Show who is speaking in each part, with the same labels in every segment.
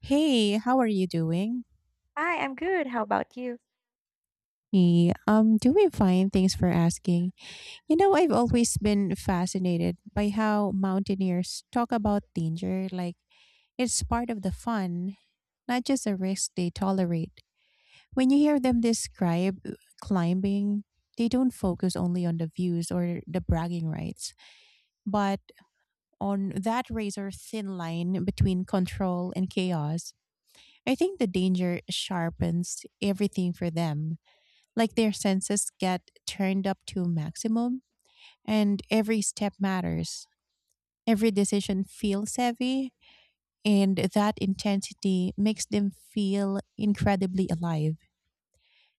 Speaker 1: Hey, how are you doing?
Speaker 2: Hi, I'm good. How about you?
Speaker 1: Hey, I'm doing fine. Thanks for asking. You know, I've always been fascinated by how mountaineers talk about danger like it's part of the fun, not just a risk they tolerate. When you hear them describe climbing, they don't focus only on the views or the bragging rights, but on that razor thin line between control and chaos. I think the danger sharpens everything for them like their senses get turned up to maximum and every step matters. Every decision feels heavy and that intensity makes them feel incredibly alive.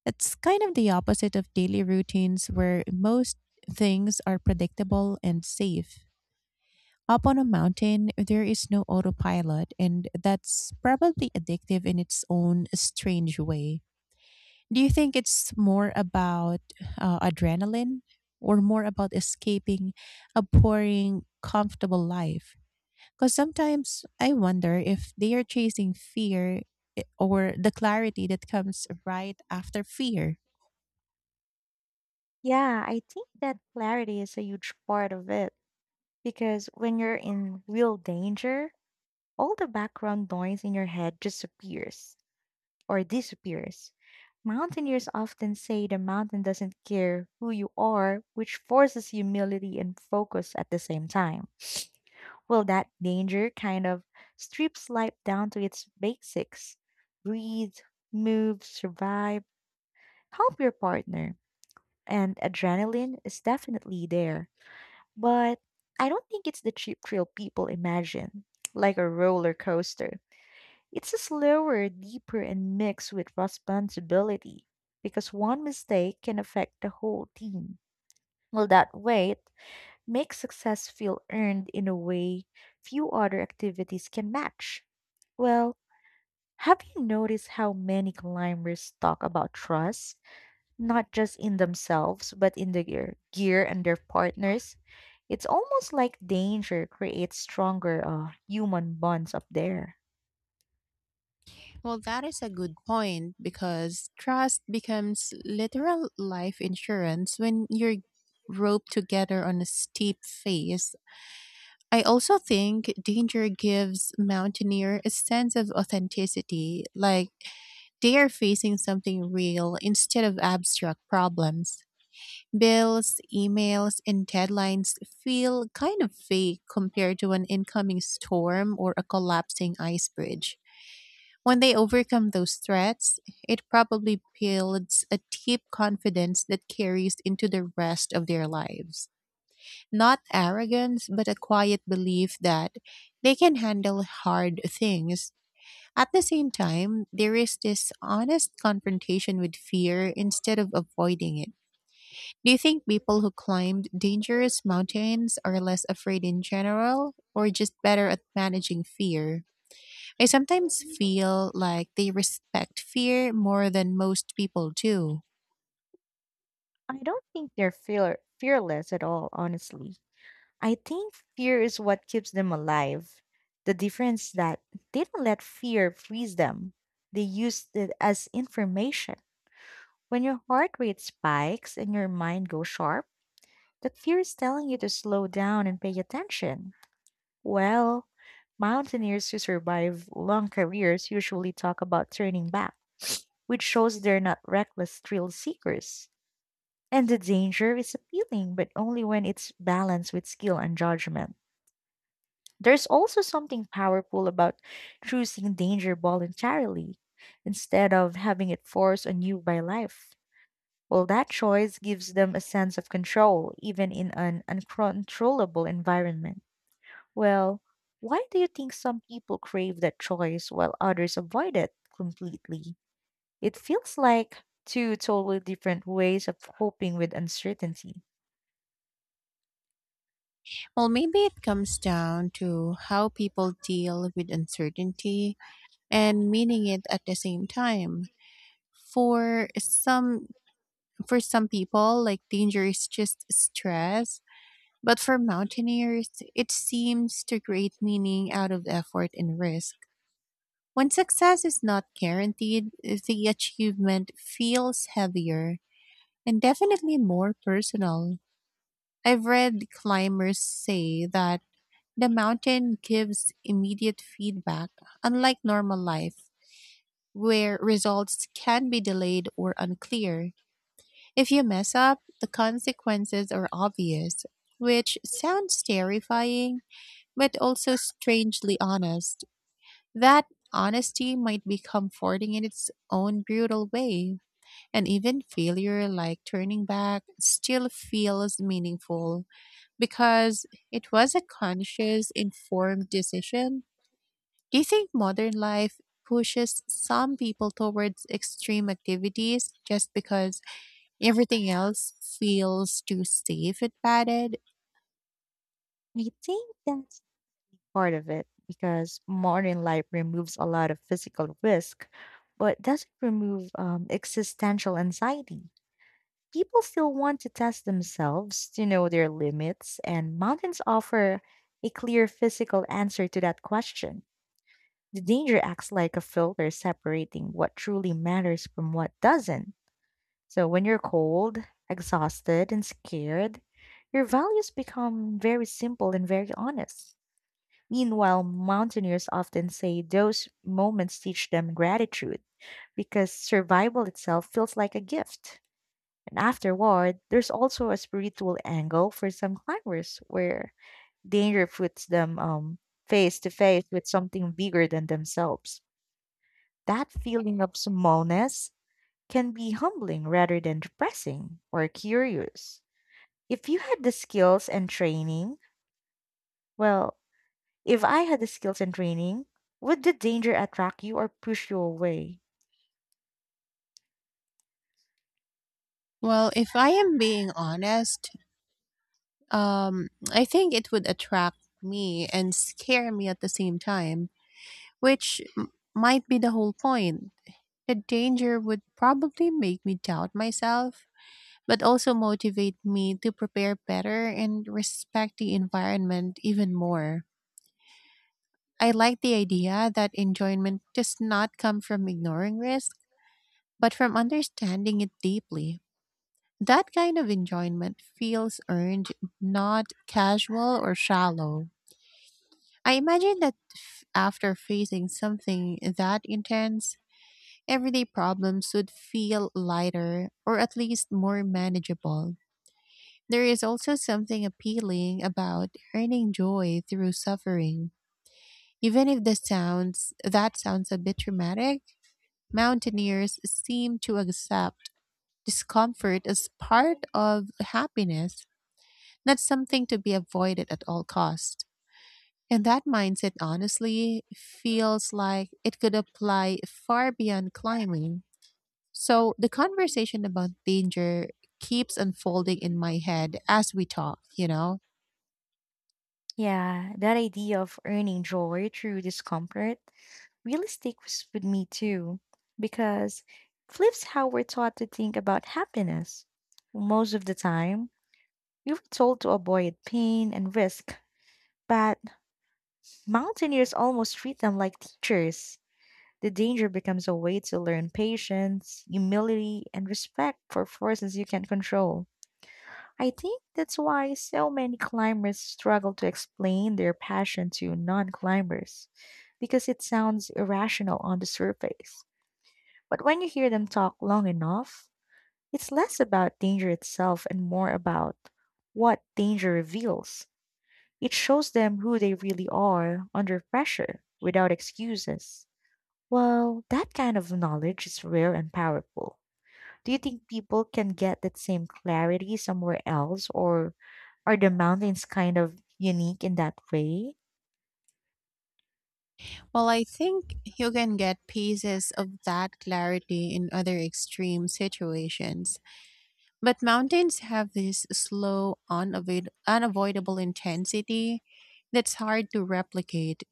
Speaker 1: It's kind of the opposite of daily routines where most things are predictable and safe. Up on a mountain, there is no autopilot, and that's probably addictive in its own strange way. Do you think it's more about adrenaline or more about escaping a boring, comfortable life? Because sometimes I wonder if they are chasing fear or the clarity that comes right after fear.
Speaker 2: Yeah, I think that clarity is a huge part of it because when you're in real danger, all the background noise in your head just appears or disappears. Mountaineers often say the mountain doesn't care who you are, which forces humility and focus at the same time. Well, that danger kind of strips life down to its basics: breathe, move, survive, help your partner. And adrenaline is definitely there. But I don't think it's the cheap thrill people imagine, like a roller coaster. It's a slower, deeper, and mixed with responsibility because one mistake can affect the whole team. Well, that weight makes success feel earned in a way few other activities can match. Well, have you noticed how many climbers talk about trust? Not just in themselves, but in the gear and their partners. It's almost like danger creates stronger human bonds up there.
Speaker 1: Well, that is a good point because trust becomes literal life insurance when you're roped together on a steep phase. I also think danger gives mountaineer a sense of authenticity, like they are facing something real instead of abstract problems. Bills, emails, and deadlines feel kind of fake compared to an incoming storm or a collapsing ice bridge. When they overcome those threats, it probably builds a deep confidence that carries into the rest of their lives. Not arrogance, but a quiet belief that they can handle hard things. At the same time, there is this honest confrontation with fear instead of avoiding it. Do you think people who climbed dangerous mountains are less afraid in general or just better at managing fear? I sometimes feel like they respect fear more than most people do.
Speaker 2: I don't think they're fearless at all, honestly. I think fear is what keeps them alive. The difference that they don't let fear freeze them. They use it as information. When your heart rate spikes and your mind goes sharp, that fear is telling you to slow down and pay attention. Well, mountaineers who survive long careers usually talk about turning back, which shows they're not reckless thrill seekers. And the danger is appealing, but only when it's balanced with skill and judgment. There's also something powerful about choosing danger voluntarily instead of having it forced on you by life. Well, that choice gives them a sense of control, even in an uncontrollable environment. Well, why do you think some people crave that choice while others avoid it completely? It feels like two totally different ways of coping with uncertainty.
Speaker 1: Well, maybe it comes down to how people deal with uncertainty and meaning it at the same time. For some for some people, like danger is just stress, but for mountaineers, it seems to create meaning out of effort and risk. When success is not guaranteed, the achievement feels heavier and definitely more personal. I've read climbers say that the mountain gives immediate feedback, unlike normal life where results can be delayed or unclear. If you mess up, the consequences are obvious, which sounds terrifying, but also strangely honest. That honesty might be comforting in its own brutal way, and even failure, like turning back, still feels meaningful because it was a conscious, informed decision. Do you think modern life pushes some people towards extreme activities just because everything else feels too safe and padded?
Speaker 2: I think that's part of it because modern life removes a lot of physical risk, but doesn't remove existential anxiety. People still want to test themselves to know their limits, and mountains offer a clear physical answer to that question. The danger acts like a filter separating what truly matters from what doesn't. So when you're cold, exhausted, and scared, your values become very simple and very honest. Meanwhile, mountaineers often say those moments teach them gratitude because survival itself feels like a gift. And afterward, there's also a spiritual angle for some climbers where danger puts them face to face with something bigger than themselves. That feeling of smallness can be humbling rather than depressing or curious. If you had the skills and training, well, if I had the skills and training, would the danger attract you or push you away?
Speaker 1: Well, if I am being honest, I think it would attract me and scare me at the same time, which might be the whole point. The danger would probably make me doubt myself, but also motivate me to prepare better and respect the environment even more. I like the idea that enjoyment does not come from ignoring risk, but from understanding it deeply. That kind of enjoyment feels earned, not casual or shallow. I imagine that after facing something that intense, everyday problems would feel lighter or at least more manageable. There is also something appealing about earning joy through suffering. Even if the sounds that sounds a bit dramatic, mountaineers seem to accept discomfort as part of happiness, not something to be avoided at all costs. And that mindset honestly feels like it could apply far beyond climbing. So the conversation about danger keeps unfolding in my head as we talk, you know?
Speaker 2: Yeah, that idea of earning joy through discomfort really sticks with me too, because it flips how we're taught to think about happiness. Most of the time, we were told to avoid pain and risk, but mountaineers almost treat them like teachers. The danger becomes a way to learn patience, humility, and respect for forces you can't control. I think that's why so many climbers struggle to explain their passion to non climbers, because it sounds irrational on the surface. But when you hear them talk long enough, it's less about danger itself and more about what danger reveals. It shows them who they really are under pressure without excuses. Well, that kind of knowledge is rare and powerful. Do you think people can get that same clarity somewhere else, or are the mountains kind of unique in that way?
Speaker 1: Well, I think you can get pieces of that clarity in other extreme situations. But mountains have this slow, unavoidable intensity that's hard to replicate.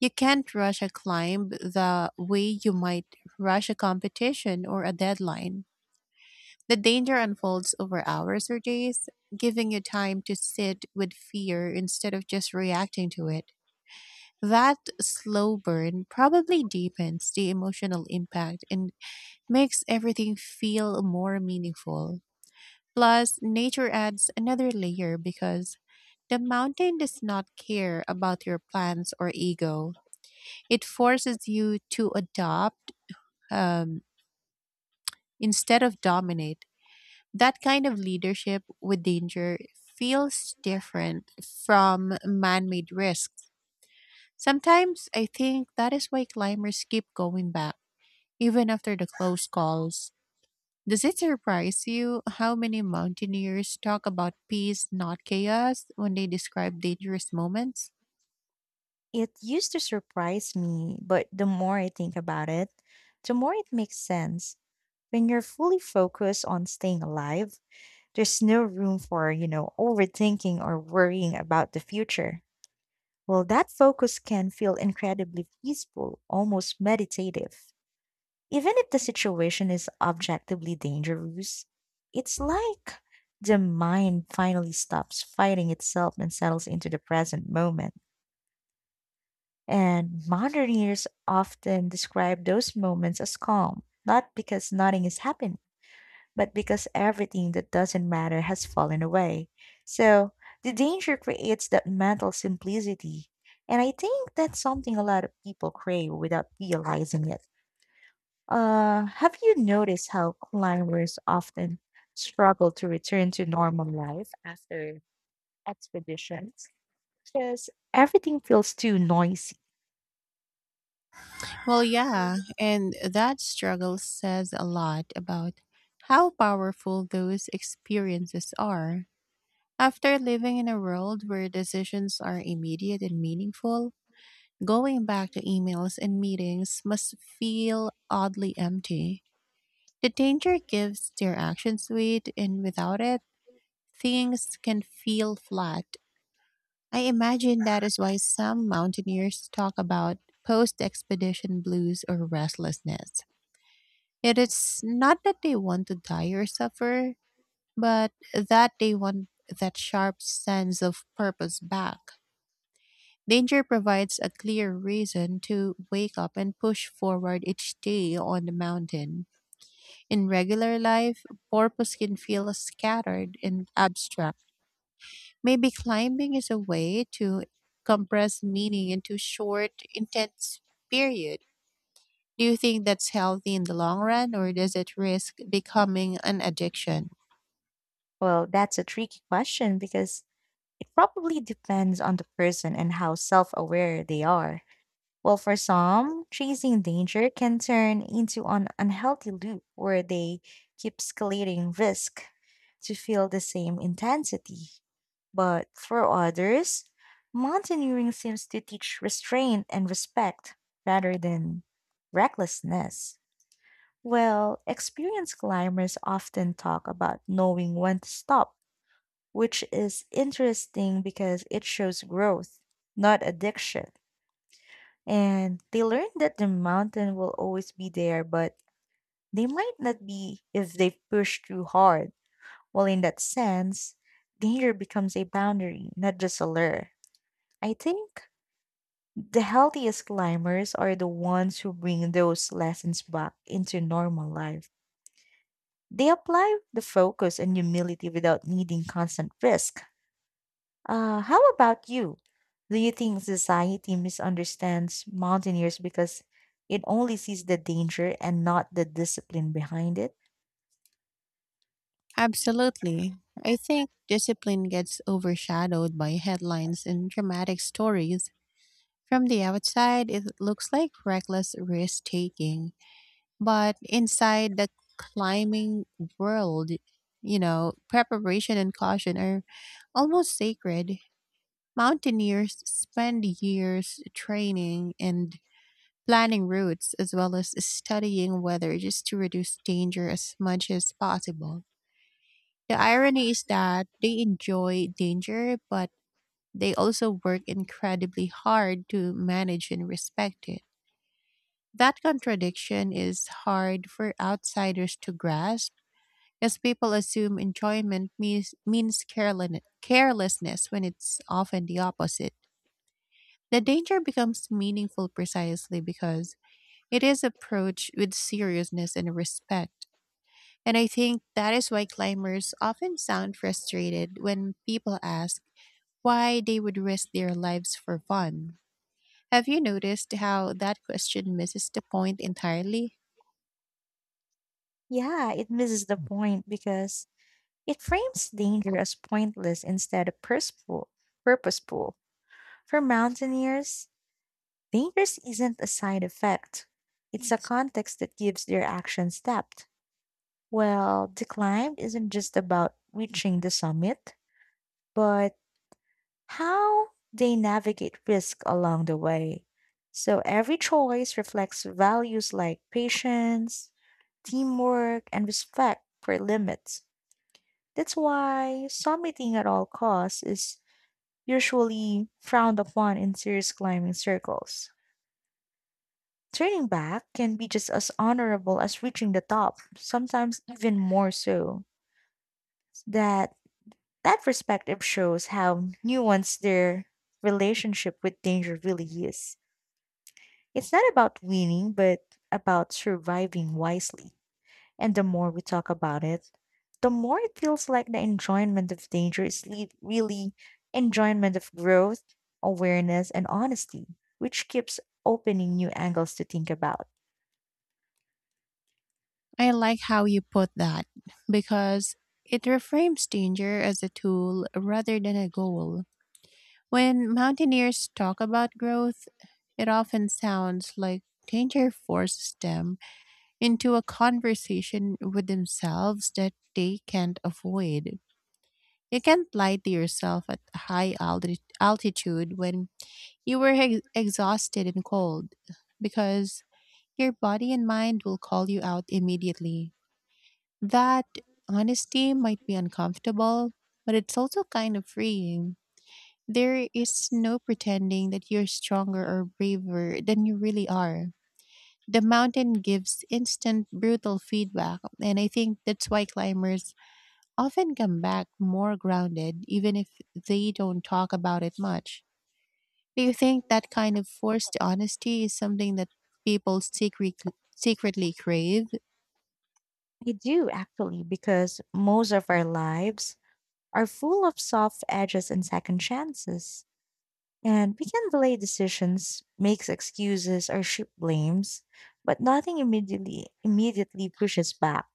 Speaker 1: You can't rush a climb the way you might rush a competition or a deadline. The danger unfolds over hours or days, giving you time to sit with fear instead of just reacting to it. That slow burn probably deepens the emotional impact and makes everything feel more meaningful. Plus, nature adds another layer because the mountain does not care about your plans or ego. It forces you to adopt um, instead of dominate. That kind of leadership with danger feels different from man made risks. Sometimes I think that is why climbers keep going back, even after the close calls. Does it surprise you how many mountaineers talk about peace, not chaos, when they describe dangerous moments?
Speaker 2: It used to surprise me, but the more I think about it, the more it makes sense. When you're fully focused on staying alive, there's no room for, you know, overthinking or worrying about the future. Well, that focus can feel incredibly peaceful, almost meditative. Even if the situation is objectively dangerous, it's like the mind finally stops fighting itself and settles into the present moment. And moderners often describe those moments as calm, not because nothing is happening but because everything that doesn't matter has fallen away. So the danger creates that mental simplicity. And I think that's something a lot of people crave without realizing it. Have you noticed how climbers often struggle to return to normal life after expeditions? Because everything feels too noisy.
Speaker 1: Well, yeah, and that struggle says a lot about how powerful those experiences are. After living in a world where decisions are immediate and meaningful, going back to emails and meetings must feel oddly empty. The danger gives their actions weight, and without it, things can feel flat. I imagine that is why some mountaineers talk about post expedition blues or restlessness. It is not that they want to die or suffer, but that they want that sharp sense of purpose back. Danger provides a clear reason to wake up and push forward each day on the mountain. In regular life, purpose can feel scattered and abstract. Maybe climbing is a way to compress meaning into short, intense period. Do you think that's healthy in the long run or does it risk becoming an addiction?
Speaker 2: Well, that's a tricky question because it probably depends on the person and how self aware they are. Well, for some, chasing danger can turn into an unhealthy loop where they keep escalating risk to feel the same intensity. But for others, mountaineering seems to teach restraint and respect rather than recklessness. Well, experienced climbers often talk about knowing when to stop, which is interesting because it shows growth, not addiction. And they learn that the mountain will always be there, but they might not be if they push too hard. Well, in that sense, danger becomes a boundary, not just a lure. I think the healthiest climbers are the ones who bring those lessons back into normal life. They apply the focus and humility without needing constant risk. How about you? Do you think society misunderstands mountaineers because it only sees the danger and not the discipline behind it?
Speaker 1: Absolutely. I think discipline gets overshadowed by headlines and dramatic stories. From the outside, it looks like reckless risk taking, but inside the climbing world, you know, preparation and caution are almost sacred. Mountaineers spend years training and planning routes as well as studying weather just to reduce danger as much as possible. The irony is that they enjoy danger, but they also work incredibly hard to manage and respect it. That contradiction is hard for outsiders to grasp, as people assume enjoyment means carelessness when it's often the opposite. The danger becomes meaningful precisely because it is approached with seriousness and respect. And I think that is why climbers often sound frustrated when people ask why they would risk their lives for fun. Have you noticed how that question misses the point entirely?
Speaker 2: Yeah, it misses the point because it frames danger as pointless instead of purposeful. For mountaineers, danger isn't a side effect, it's a context that gives their actions depth. Well, the climb isn't just about reaching the summit, but how they navigate risk along the way. So every choice reflects values like patience, teamwork, and respect for limits. That's why summiting at all costs is usually frowned upon in serious climbing circles. Turning back can be just as honorable as reaching the top, sometimes even more so. That that perspective shows how nuanced their relationship with danger really is. It's not about winning, but about surviving wisely. And the more we talk about it, the more it feels like the enjoyment of danger is really enjoyment of growth, awareness, and honesty, which keeps opening new angles to think about.
Speaker 1: I like how you put that because it reframes danger as a tool rather than a goal. When mountaineers talk about growth, it often sounds like danger forces them into a conversation with themselves that they can't avoid. You can't lie to yourself at high altitude when you were exhausted and cold because your body and mind will call you out immediately. That honesty might be uncomfortable, but it's also kind of freeing. There is no pretending that you're stronger or braver than you really are. The mountain gives instant brutal feedback, and I think that's why climbers often come back more grounded, even if they don't talk about it much. Do you think that kind of forced honesty is something that people secretly crave?
Speaker 2: I do actually, because most of our lives are full of soft edges and second chances. And we can delay decisions, makes excuses, or shift blames, but nothing immediately pushes back.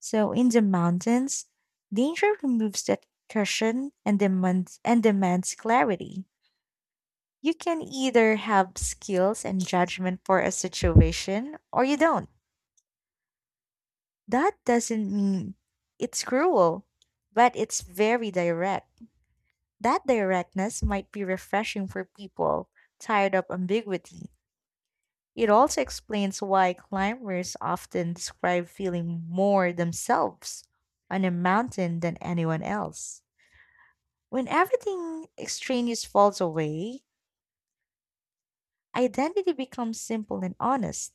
Speaker 2: So in the mountains, danger removes that cushion and demands clarity. You can either have skills and judgment for a situation or you don't. That doesn't mean it's cruel, but it's very direct. That directness might be refreshing for people tired of ambiguity. It also explains why climbers often describe feeling more themselves on a mountain than anyone else. When everything extraneous falls away, identity becomes simple and honest.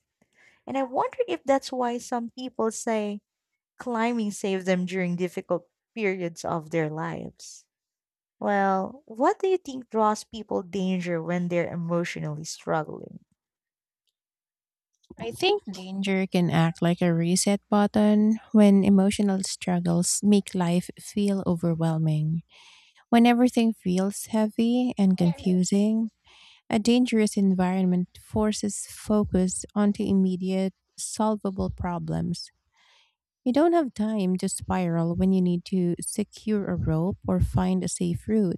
Speaker 2: And I wonder if that's why some people say climbing saved them during difficult periods of their lives. Well, what do you think draws people danger when they're emotionally struggling?
Speaker 1: I think danger can act like a reset button when emotional struggles make life feel overwhelming. When everything feels heavy and confusing, a dangerous environment forces focus onto immediate, solvable problems. You don't have time to spiral when you need to secure a rope or find a safe route.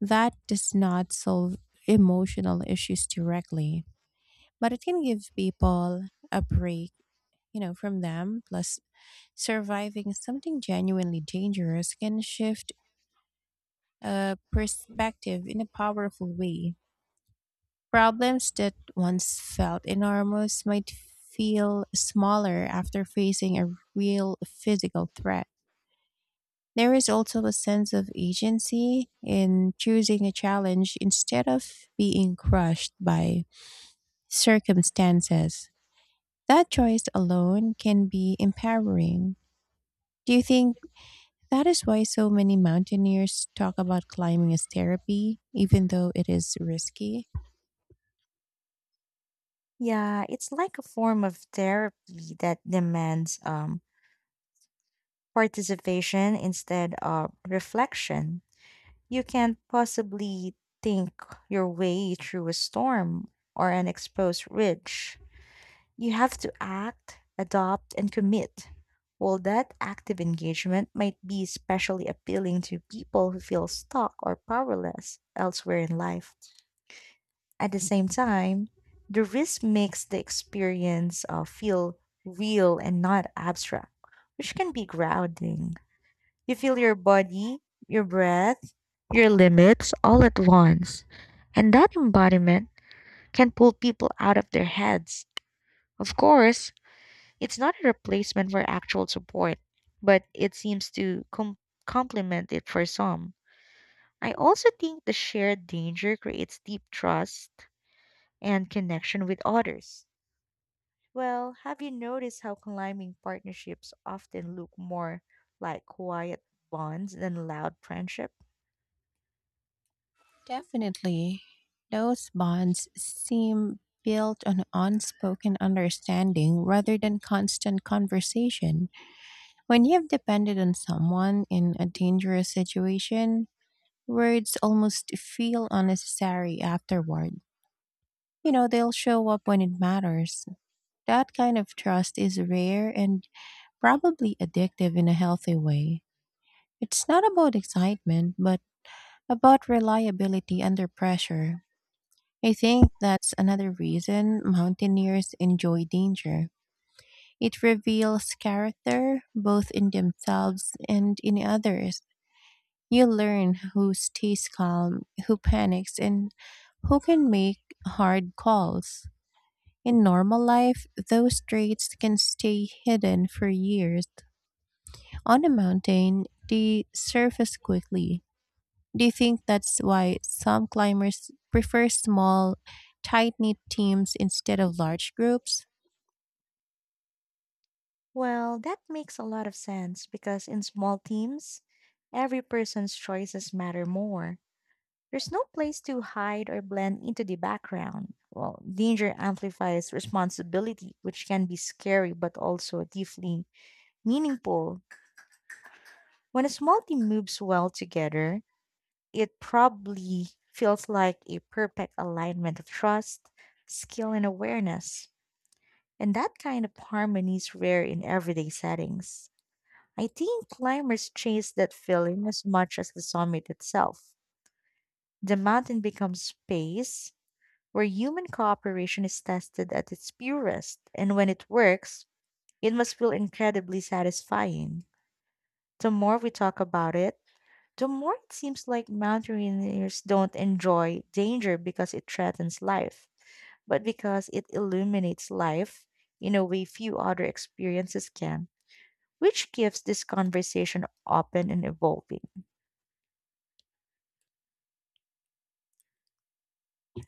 Speaker 1: That does not solve emotional issues directly, but it can give people a break, you know, from them. Plus, surviving something genuinely dangerous can shift perspective in a powerful way. Problems that once felt enormous might feel smaller after facing a real physical threat. There is also a sense of agency in choosing a challenge instead of being crushed by circumstances. That choice alone can be empowering. Do you think that is why so many mountaineers talk about climbing as therapy, even though it is risky?
Speaker 2: Yeah, it's like a form of therapy that demands participation instead of reflection. You can't possibly think your way through a storm or an exposed ridge. You have to act, adopt, and commit. Well, that active engagement might be especially appealing to people who feel stuck or powerless elsewhere in life. At the same time, the risk makes the experience feel real and not abstract, which can be grounding. You feel your body, your breath, your limits all at once. And that embodiment can pull people out of their heads. Of course, it's not a replacement for actual support, but it seems to complement it for some. I also think the shared danger creates deep trust and connection with others. Well, have you noticed how climbing partnerships often look more like quiet bonds than loud friendship?
Speaker 1: Definitely. Those bonds seem built on unspoken understanding rather than constant conversation. When you have depended on someone in a dangerous situation, words almost feel unnecessary afterward. You know, they'll show up when it matters. That kind of trust is rare and probably addictive in a healthy way. It's not about excitement, but about reliability under pressure. I think that's another reason mountaineers enjoy danger. It reveals character both in themselves and in others. You learn who stays calm, who panics, and who can make hard calls. In normal life, those traits can stay hidden for years. On a mountain, they surface quickly. Do you think that's why some climbers prefer small, tight knit teams instead of large groups?
Speaker 2: Well, that makes a lot of sense because in small teams, every person's choices matter more. There's no place to hide or blend into the background. Well, danger amplifies responsibility, which can be scary but also deeply meaningful. When a small team moves well together, it probably feels like a perfect alignment of trust, skill, and awareness. And that kind of harmony is rare in everyday settings. I think climbers chase that feeling as much as the summit itself. The mountain becomes space where human cooperation is tested at its purest, and when it works, it must feel incredibly satisfying. The more we talk about it, the more it seems like mountaineers don't enjoy danger because it threatens life, but because it illuminates life in a way few other experiences can, which gives this conversation open and evolving.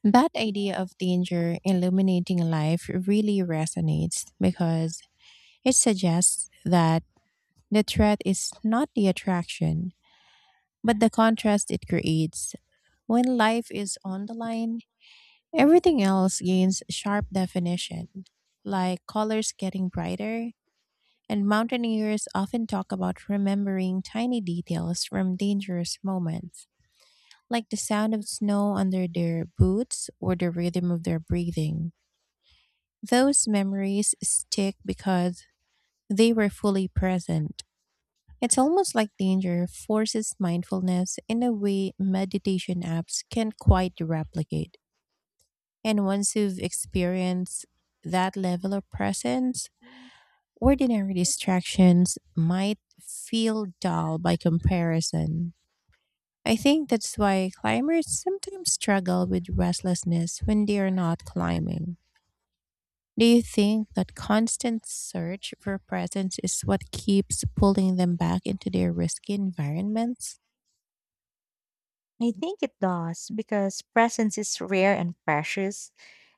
Speaker 1: That idea of danger illuminating life really resonates because it suggests that the threat is not the attraction, but the contrast it creates. When life is on the line, everything else gains sharp definition, like colors getting brighter. And mountaineers often talk about remembering tiny details from dangerous moments, like the sound of snow under their boots or the rhythm of their breathing. Those memories stick because they were fully present. It's almost like danger forces mindfulness in a way meditation apps can't quite replicate. And once you've experienced that level of presence, ordinary distractions might feel dull by comparison. I think that's why climbers sometimes struggle with restlessness when they are not climbing. Do you think that constant search for presence is what keeps pulling them back into their risky environments?
Speaker 2: I think it does because presence is rare and precious,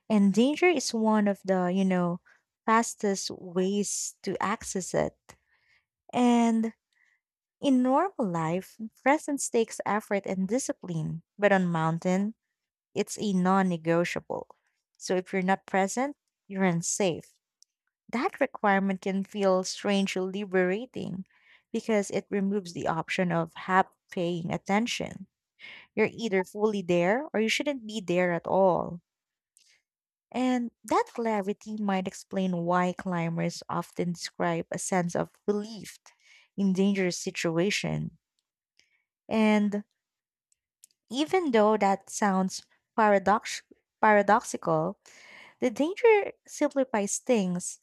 Speaker 2: and danger is one of the, you know, fastest ways to access it. And in normal life, presence takes effort and discipline, but on mountain, it's a non negotiable. So if you're not present, you're unsafe. That requirement can feel strangely liberating because it removes the option of half paying attention. You're either fully there or you shouldn't be there at all. And that clarity might explain why climbers often describe a sense of relief in dangerous situation. And even though that sounds paradox- paradoxical, the danger simplifies things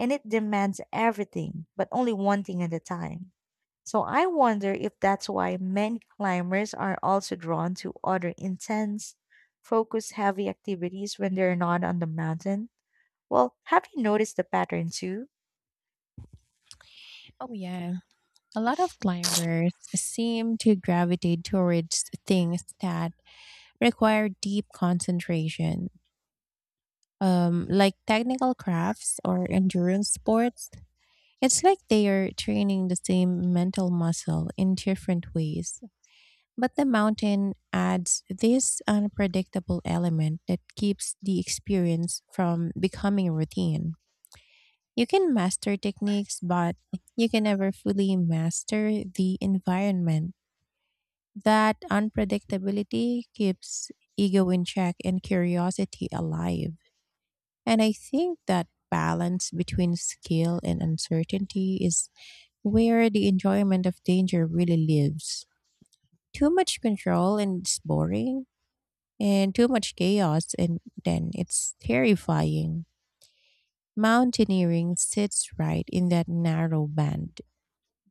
Speaker 2: and it demands everything, but only one thing at a time. So I wonder if that's why many climbers are also drawn to other intense, focus heavy activities when they're not on the mountain. Well, have you noticed the pattern too?
Speaker 1: Oh, yeah. A lot of climbers seem to gravitate towards things that require deep concentration like technical crafts or endurance sports, it's like they are training the same mental muscle in different ways. But the mountain adds this unpredictable element that keeps the experience from becoming routine. You can master techniques, but you can never fully master the environment. That unpredictability keeps ego in check and curiosity alive. And I think that balance between skill and uncertainty is where the enjoyment of danger really lives. Too much control and it's boring, and too much chaos and then it's terrifying. Mountaineering sits right in that narrow band.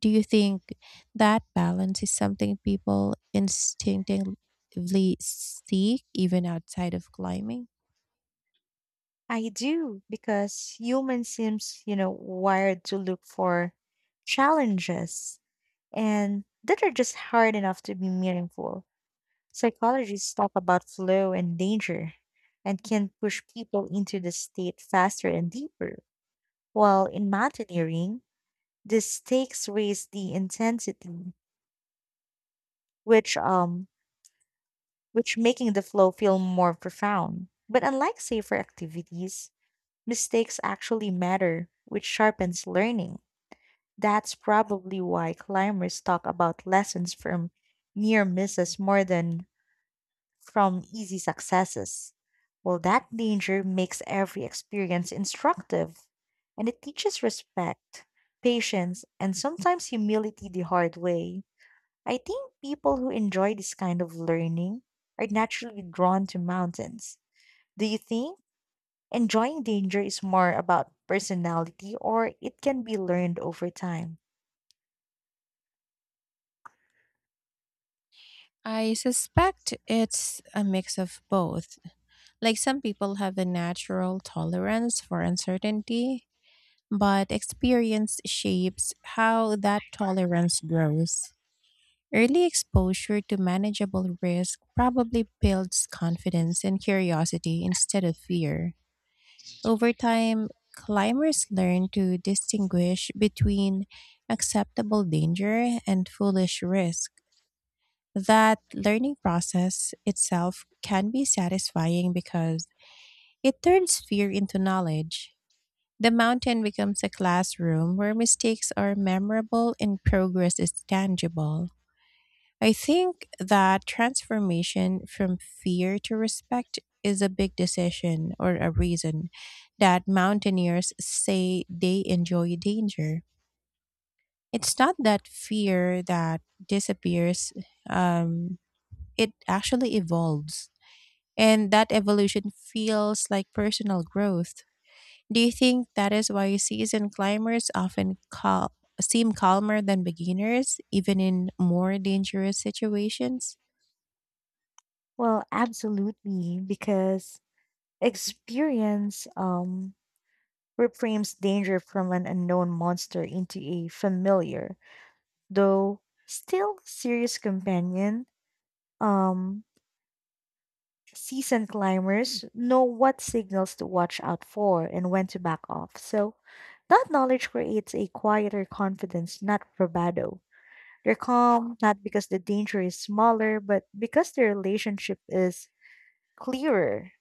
Speaker 1: Do you think that balance is something people instinctively seek even outside of climbing?
Speaker 2: I do, because human seems, you know, wired to look for challenges and that are just hard enough to be meaningful. Psychologists talk about flow and danger and can push people into the state faster and deeper. While in mountaineering, the stakes raise the intensity, which um which making the flow feel more profound. But unlike safer activities, mistakes actually matter, which sharpens learning. That's probably why climbers talk about lessons from near misses more than from easy successes. Well, that danger makes every experience instructive, and it teaches respect, patience, and sometimes humility the hard way. I think people who enjoy this kind of learning are naturally drawn to mountains. Do you think enjoying danger is more about personality or it can be learned over time?
Speaker 1: I suspect it's a mix of both. Like some people have a natural tolerance for uncertainty, but experience shapes how that tolerance grows. Early exposure to manageable risk probably builds confidence and curiosity instead of fear. Over time, climbers learn to distinguish between acceptable danger and foolish risk. That learning process itself can be satisfying because it turns fear into knowledge. The mountain becomes a classroom where mistakes are memorable and progress is tangible. I think that transformation from fear to respect is a big decision or a reason that mountaineers say they enjoy danger. It's not that fear that disappears, um, it actually evolves. And that evolution feels like personal growth. Do you think that is why seasoned climbers often seem calmer than beginners, even in more dangerous situations?
Speaker 2: Well, absolutely, because experience reframes danger from an unknown monster into a familiar, though still serious companion. Um, Seasoned climbers know what signals to watch out for and when to back off. So that knowledge creates a quieter confidence, not bravado. They're calm, not because the danger is smaller, but because the relationship is clearer.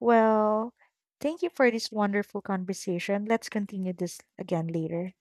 Speaker 2: Well, thank you for this wonderful conversation. Let's continue this again later.